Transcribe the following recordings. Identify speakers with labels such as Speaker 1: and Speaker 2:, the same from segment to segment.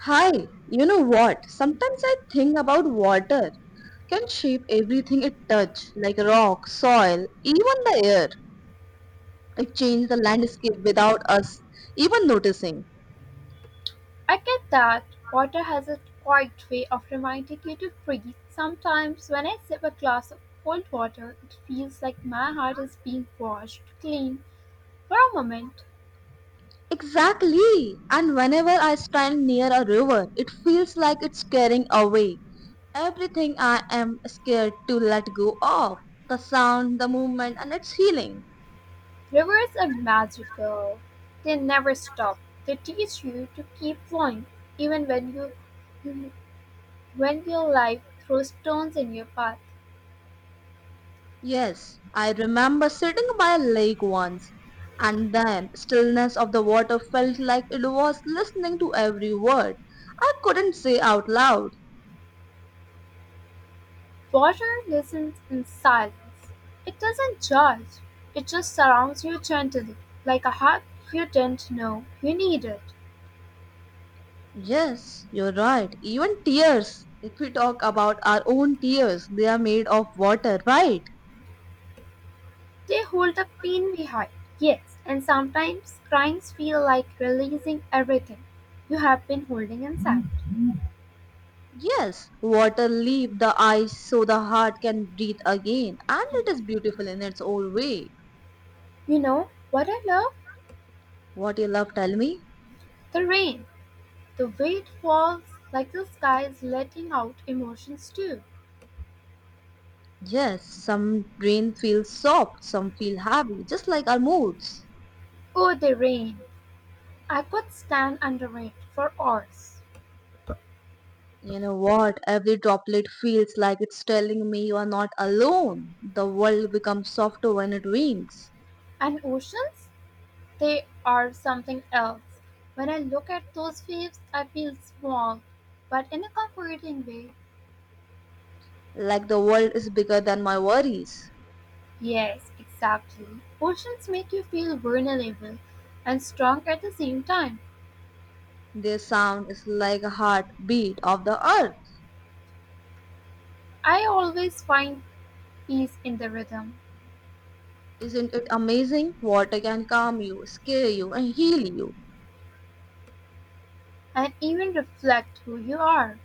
Speaker 1: Hi, you know what? Sometimes I think about water can shape everything it touch, like rock, soil, even the air. It changes the landscape without us even noticing.
Speaker 2: I get that. Water has a quiet way of reminding you to breathe. Sometimes when I sip a glass of cold water, it feels like my heart is being washed clean for a moment.
Speaker 1: Exactly. And whenever I stand near a river, it feels like it's carrying away everything I am scared to let go of. The sound, the movement, and its healing.
Speaker 2: Rivers are magical. They never stop. They teach you to keep flowing even when your life throws stones in your path.
Speaker 1: Yes, I remember sitting by a lake once, and then stillness of the water felt like it was listening to every word I couldn't say out loud.
Speaker 2: Water listens in silence. It doesn't judge. It just surrounds you gently, like a hug you didn't know you needed.
Speaker 1: Yes, you're right. Even tears. If we talk about our own tears, they are made of water, right?
Speaker 2: They hold the pain we hide. Yes, and sometimes cryings feel like releasing everything you have been holding inside.
Speaker 1: Yes, water leaves the eyes so the heart can breathe again, and it is beautiful in its own way.
Speaker 2: You know what I love?
Speaker 1: What you love, tell me?
Speaker 2: The rain. The way it falls like the sky is letting out emotions too.
Speaker 1: Yes, some rain feels soft, some feel heavy, just like our moods.
Speaker 2: Oh, the rain. I could stand under it for hours.
Speaker 1: You know what? Every droplet feels like it's telling me you are not alone. The world becomes softer when it rains.
Speaker 2: And oceans? They are something else. When I look at those waves, I feel small, but in a comforting way.
Speaker 1: Like the world is bigger than my worries.
Speaker 2: Yes, exactly. Oceans make you feel vulnerable and strong at the same time.
Speaker 1: Their sound is like a heartbeat of the earth.
Speaker 2: I always find peace in the rhythm
Speaker 1: Isn't it amazing? Water can calm you, scare you, and heal you.
Speaker 2: and even reflect who you are.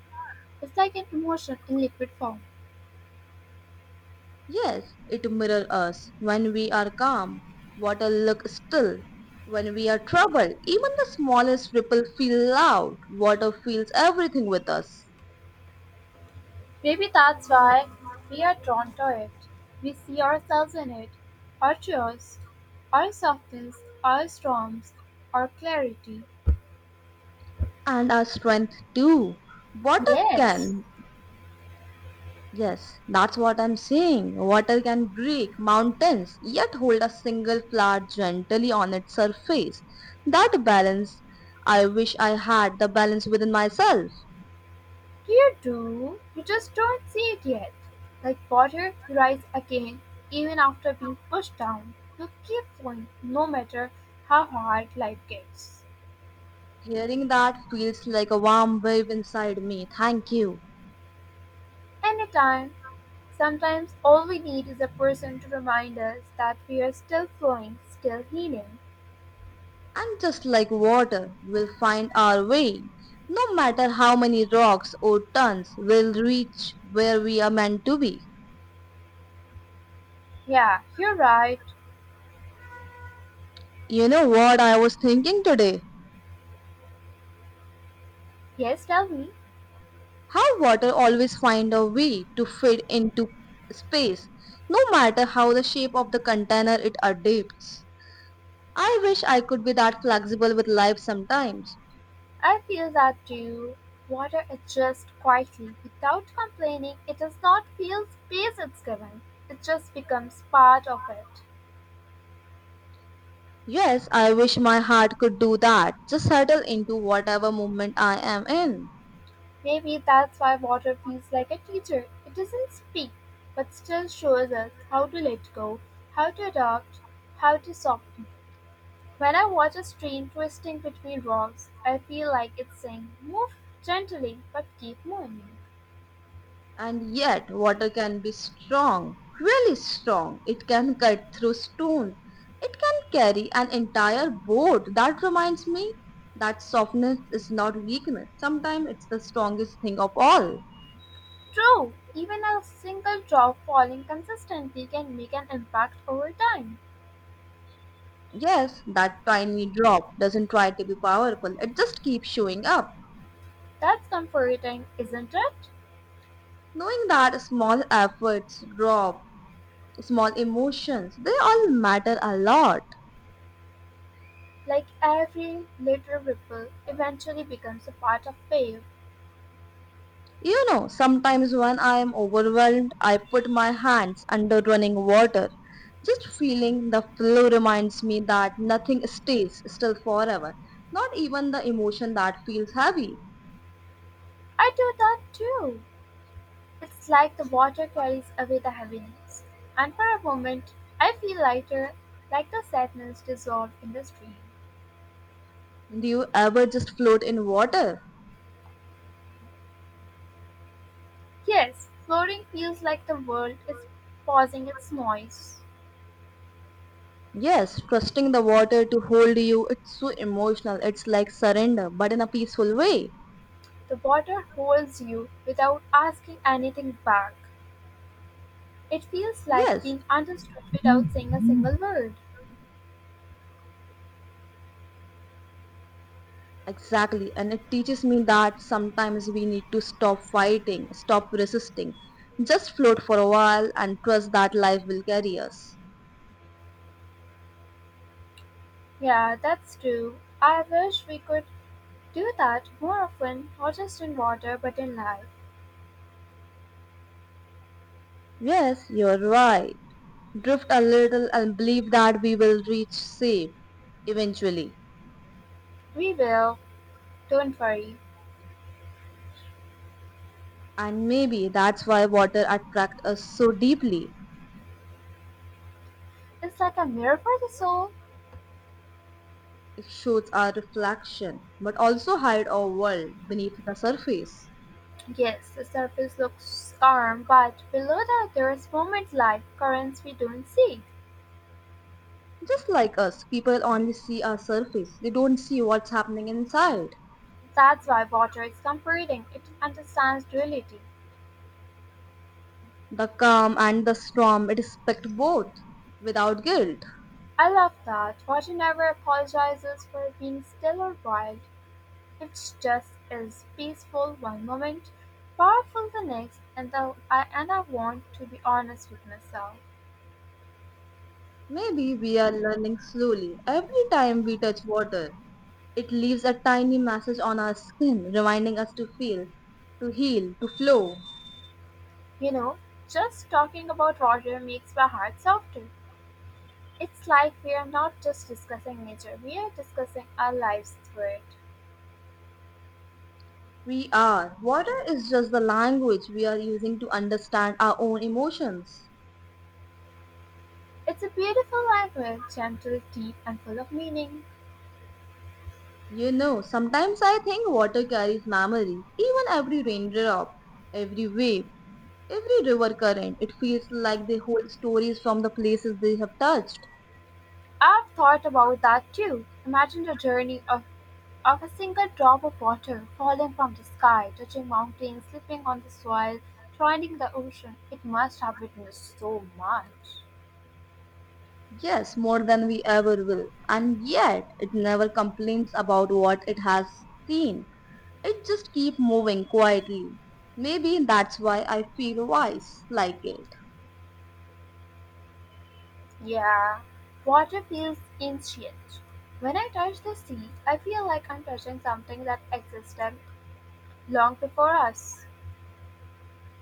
Speaker 2: It's like an emotion in liquid form.
Speaker 1: Yes, it mirrors us. When we are calm, water looks still. When we are troubled, even the smallest ripple feels loud. Water feels everything with us.
Speaker 2: Maybe that's why we are drawn to it. We see ourselves in it, our joys, our softness, our storms, our clarity.
Speaker 1: And our strength too. Water
Speaker 2: Yes,
Speaker 1: can, yes, that's what I'm saying. Water can break mountains, yet hold a single flower gently on its surface. That balance, I wish I had the balance within myself.
Speaker 2: you do. You just don't see it yet. Like water, you rise again, even after being pushed down. You keep going, no matter how hard life gets.
Speaker 1: Hearing that feels like a warm wave inside me. Thank you.
Speaker 2: Anytime, sometimes all we need is a person to remind us that we are still flowing, still healing.
Speaker 1: And just like water, we'll find our way. No matter how many rocks or turns, we'll reach where we are meant to be.
Speaker 2: Yeah, you're right.
Speaker 1: You know what I was thinking today?
Speaker 2: Yes, tell me.
Speaker 1: How water always find a way to fit into space, no matter how the shape of the container it adapts. I wish I could be that flexible with life sometimes.
Speaker 2: I feel that too. Water adjusts quietly without complaining. It does not feel space it's given. It just becomes part of it.
Speaker 1: Yes, I wish my heart could do that. Just settle into whatever movement I am in.
Speaker 2: Maybe that's why water feels like a teacher. It doesn't speak, but still shows us how to let go, how to adopt, how to soften. When I watch a stream twisting between rocks, I feel like it's saying, Move gently, but keep moving.
Speaker 1: And yet, water can be strong, really strong. It can cut through stone. It can carry an entire boat. That reminds me that softness is not weakness. Sometimes it's the strongest thing of all.
Speaker 2: True, even a single drop falling consistently can make an impact over time.
Speaker 1: Yes, that tiny drop doesn't try to be powerful. It just keeps showing up.
Speaker 2: That's comforting, isn't it?
Speaker 1: Knowing that small efforts, drop, small emotions, they all matter a lot.
Speaker 2: Like every little ripple eventually becomes a part of wave.
Speaker 1: You know, sometimes when I am overwhelmed, I put my hands under running water. Just feeling the flow reminds me that nothing stays still forever, not even the emotion that feels heavy.
Speaker 2: I do that too. It's like the water carries away the heaviness. And for a moment, I feel lighter, like the sadness dissolved in the stream.
Speaker 1: Do you ever just float in water?
Speaker 2: Yes, floating feels like the world is pausing its noise.
Speaker 1: Yes, trusting the water to hold you, it's so emotional. It's like surrender, but in a peaceful way.
Speaker 2: The water holds you without asking anything back. It feels like
Speaker 1: Yes,
Speaker 2: being understood without saying a single word.
Speaker 1: exactly. And it teaches me that sometimes we need to stop fighting, stop resisting, just float for a while and trust that life will carry us.
Speaker 2: Yeah, that's true. I wish we could do that more often, not just in water, but in life.
Speaker 1: Yes, you're right. Drift a little and believe that we will reach safe eventually.
Speaker 2: We will. Don't worry.
Speaker 1: And maybe that's why water attracts us so deeply.
Speaker 2: It's like a mirror for the soul.
Speaker 1: It shows our reflection, but also hide our world beneath the surface.
Speaker 2: Yes, the surface looks calm, but below that there is movement like currents we don't see.
Speaker 1: Just like us, people only see our surface. They don't see what's happening inside.
Speaker 2: That's why water is comforting. It understands duality.
Speaker 1: The calm and the storm respect both without guilt.
Speaker 2: I love that. Water never apologizes for being still or wild. It's just is peaceful one moment, powerful the next, and the I and I want to be honest with myself.
Speaker 1: Maybe we are learning slowly. Every time we touch water, it leaves a tiny message on our skin, reminding us to feel, to heal, to flow.
Speaker 2: You know, just talking about Roger makes my heart softer. It's like we are not just discussing nature, we are discussing our lives through it.
Speaker 1: We are. Water is just the language we are using to understand our own emotions.
Speaker 2: It's a beautiful language, gentle, deep, and full of meaning.
Speaker 1: You know, sometimes I think water carries memories, even every raindrop, every wave, every river current. It feels like they hold stories from the places they have touched.
Speaker 2: I've thought about that too. Imagine the journey of a single drop of water falling from the sky, touching mountains, slipping on the soil, joining the ocean. It must have witnessed so much.
Speaker 1: Yes, more than we ever will. And yet, it never complains about what it has seen. It just keeps moving quietly. Maybe that's why I feel wise like it.
Speaker 2: Yeah, water feels ancient. When I touch the sea, I feel like I'm touching something that existed long before us.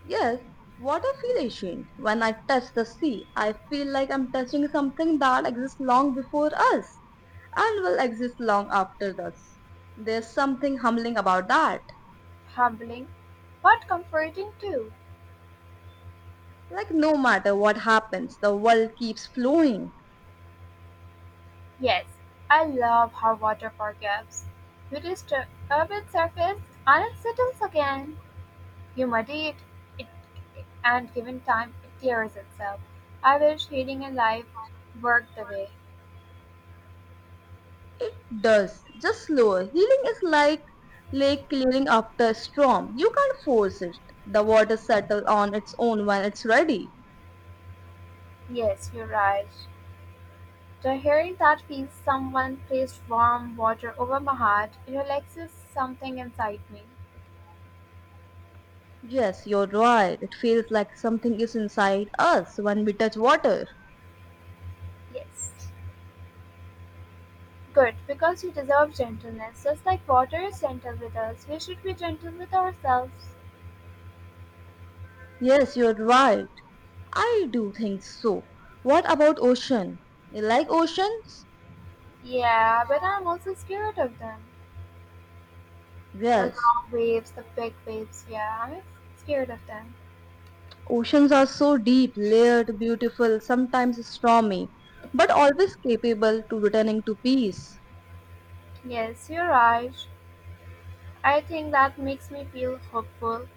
Speaker 1: Yes, what I feel ancient. When I touch the sea, I feel like I'm touching something that exists long before us and will exist long after us. There's something humbling about that.
Speaker 2: Humbling, but comforting too.
Speaker 1: Like no matter what happens, the world keeps flowing.
Speaker 2: Yes, I love how water forgives. You disturb its surface and it settles again. You muddy it, and given time, it tears itself. I wish healing and life worked the way.
Speaker 1: It does, just slower. Healing is like lake clearing after a storm. You can't force it. The water settles on its own when it's ready.
Speaker 2: Yes, you're right. The hearing that feels someone placed warm water over my heart it relaxes something inside me.
Speaker 1: Yes, you're right. It feels like something is inside us when we touch water.
Speaker 2: Yes. Good, because we deserve gentleness. Just like water is gentle with us, we should be gentle with ourselves.
Speaker 1: Yes, you're right. I do think so. What about ocean? You like oceans?
Speaker 2: Yeah, but I'm also scared of them. The
Speaker 1: Yes.
Speaker 2: long waves, the big waves, yeah, I'm scared of them.
Speaker 1: Oceans are so deep, layered, beautiful, sometimes stormy, but always capable to returning to peace.
Speaker 2: Yes, you're right. I think that makes me feel hopeful.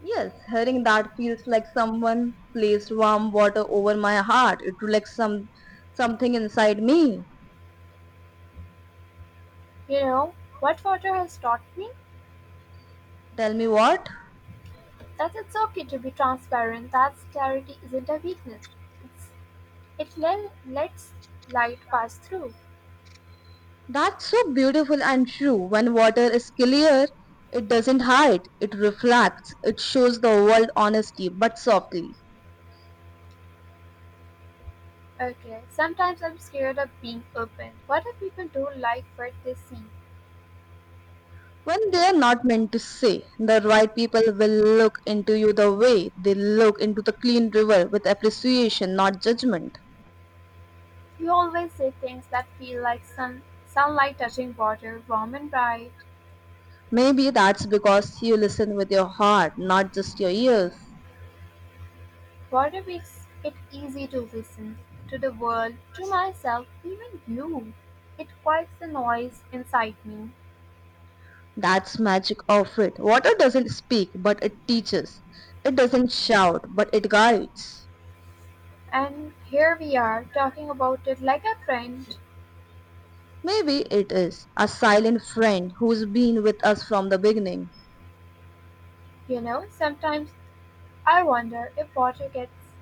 Speaker 1: Yes, hearing that feels like someone placed warm water over my heart. It relaxed something inside me.
Speaker 2: You know, what water has taught me?
Speaker 1: Tell me what?
Speaker 2: That it's okay to be transparent, that clarity isn't a weakness. It's, it lets light pass through.
Speaker 1: That's so beautiful and true. When water is clear, it doesn't hide. It reflects. It shows the world honestly but softly.
Speaker 2: Okay, sometimes I'm scared of being open. What if people don't like what they see?
Speaker 1: When they are not meant to say, the right people will look into you the way they look into the clean river with appreciation, not judgment.
Speaker 2: You always say things that feel like sunlight touching water, warm and bright.
Speaker 1: Maybe that's because you listen with your heart, not just your ears.
Speaker 2: Water makes it easy to listen to the world, to myself, even you. It quiets the noise inside me.
Speaker 1: That's magic of it. Water doesn't speak, but it teaches. It doesn't shout, but it guides.
Speaker 2: And here we are talking about it like a friend.
Speaker 1: Maybe it is a silent friend who's been with us from the beginning.
Speaker 2: You know, sometimes I wonder if water gets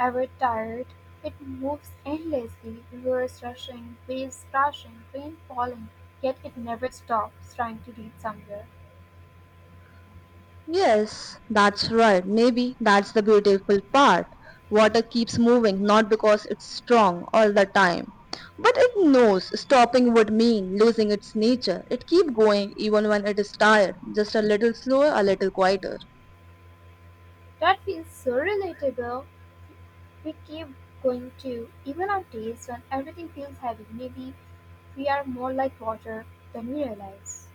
Speaker 2: ever tired. It moves endlessly, rivers rushing, waves crashing, rain falling, yet it never stops trying to reach somewhere.
Speaker 1: Yes, that's right. Maybe that's the beautiful part. Water keeps moving not because it's strong all the time, but it knows stopping would mean losing its nature. It keeps going even when it is tired, just a little slower, a little quieter.
Speaker 2: That feels so relatable. We keep going to even on days when everything feels heavy. Maybe we are more like water than we realize.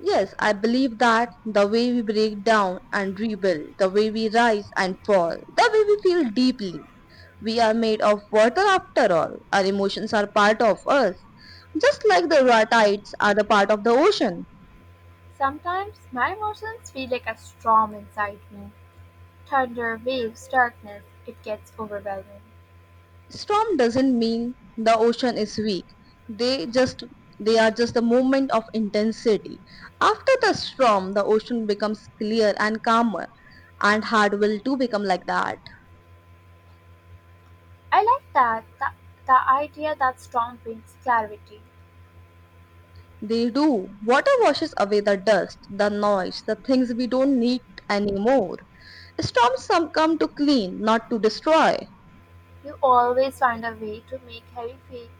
Speaker 1: Yes, I believe that the way we break down and rebuild, the way we rise and fall, the way we feel deeply. We are made of water after all. Our emotions are part of us. Just like the tides are the part of the ocean.
Speaker 2: Sometimes my emotions feel like a storm inside me thunder, waves, darkness. It gets overwhelming.
Speaker 1: Storm doesn't mean the ocean is weak. They just they are just a moment of intensity. After the storm, the ocean becomes clear and calmer and hard will too become like that.
Speaker 2: I like the idea that storm brings clarity.
Speaker 1: They do. Water washes away the dust, the noise, the things we don't need anymore. Storms some come to clean, not to destroy.
Speaker 2: You always find a way to make heavy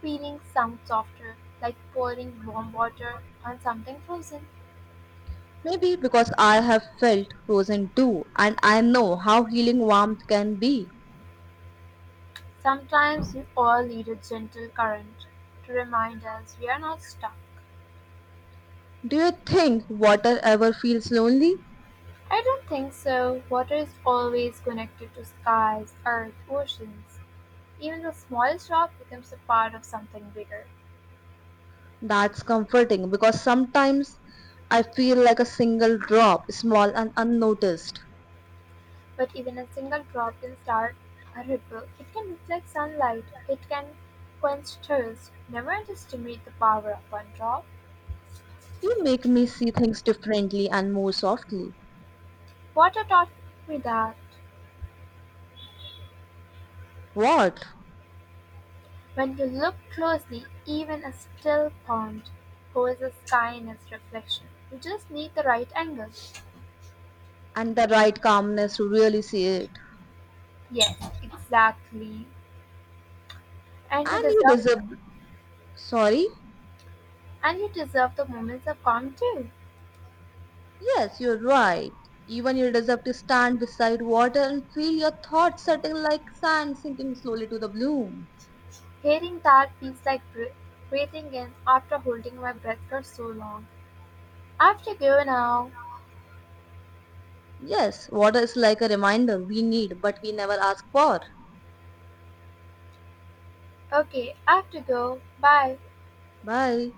Speaker 2: feelings sound softer, like pouring warm water on something frozen.
Speaker 1: Maybe because I have felt frozen too, and I know how healing warmth can be.
Speaker 2: Sometimes we all need a gentle current to remind us we are not stuck.
Speaker 1: Do you think water ever feels lonely?
Speaker 2: I don't think so. Water is always connected to skies, earth, oceans. Even the smallest drop becomes a part of something bigger.
Speaker 1: That's comforting because sometimes I feel like a single drop, small and unnoticed.
Speaker 2: But even a single drop can start a ripple. It can reflect sunlight. It can quench thirst. Never underestimate the power of one drop.
Speaker 1: You make me see things differently and more softly.
Speaker 2: Water taught me that.
Speaker 1: What?
Speaker 2: When you look closely, even a still pond holds the sky in its reflection. You just need the right angle.
Speaker 1: And the right calmness to really see it.
Speaker 2: Yes, exactly. And you
Speaker 1: And you
Speaker 2: deserve
Speaker 1: deserve, sorry,
Speaker 2: and you deserve the moments of calm too.
Speaker 1: yes, you're right. Even you deserve to stand beside water and feel your thoughts settling like sand sinking slowly to the bloom.
Speaker 2: Hearing that feels like breathing in after holding my breath for so long. I have to go now.
Speaker 1: Yes, water is like a reminder we need, but we never ask for.
Speaker 2: Okay, I have to go. Bye.
Speaker 1: Bye.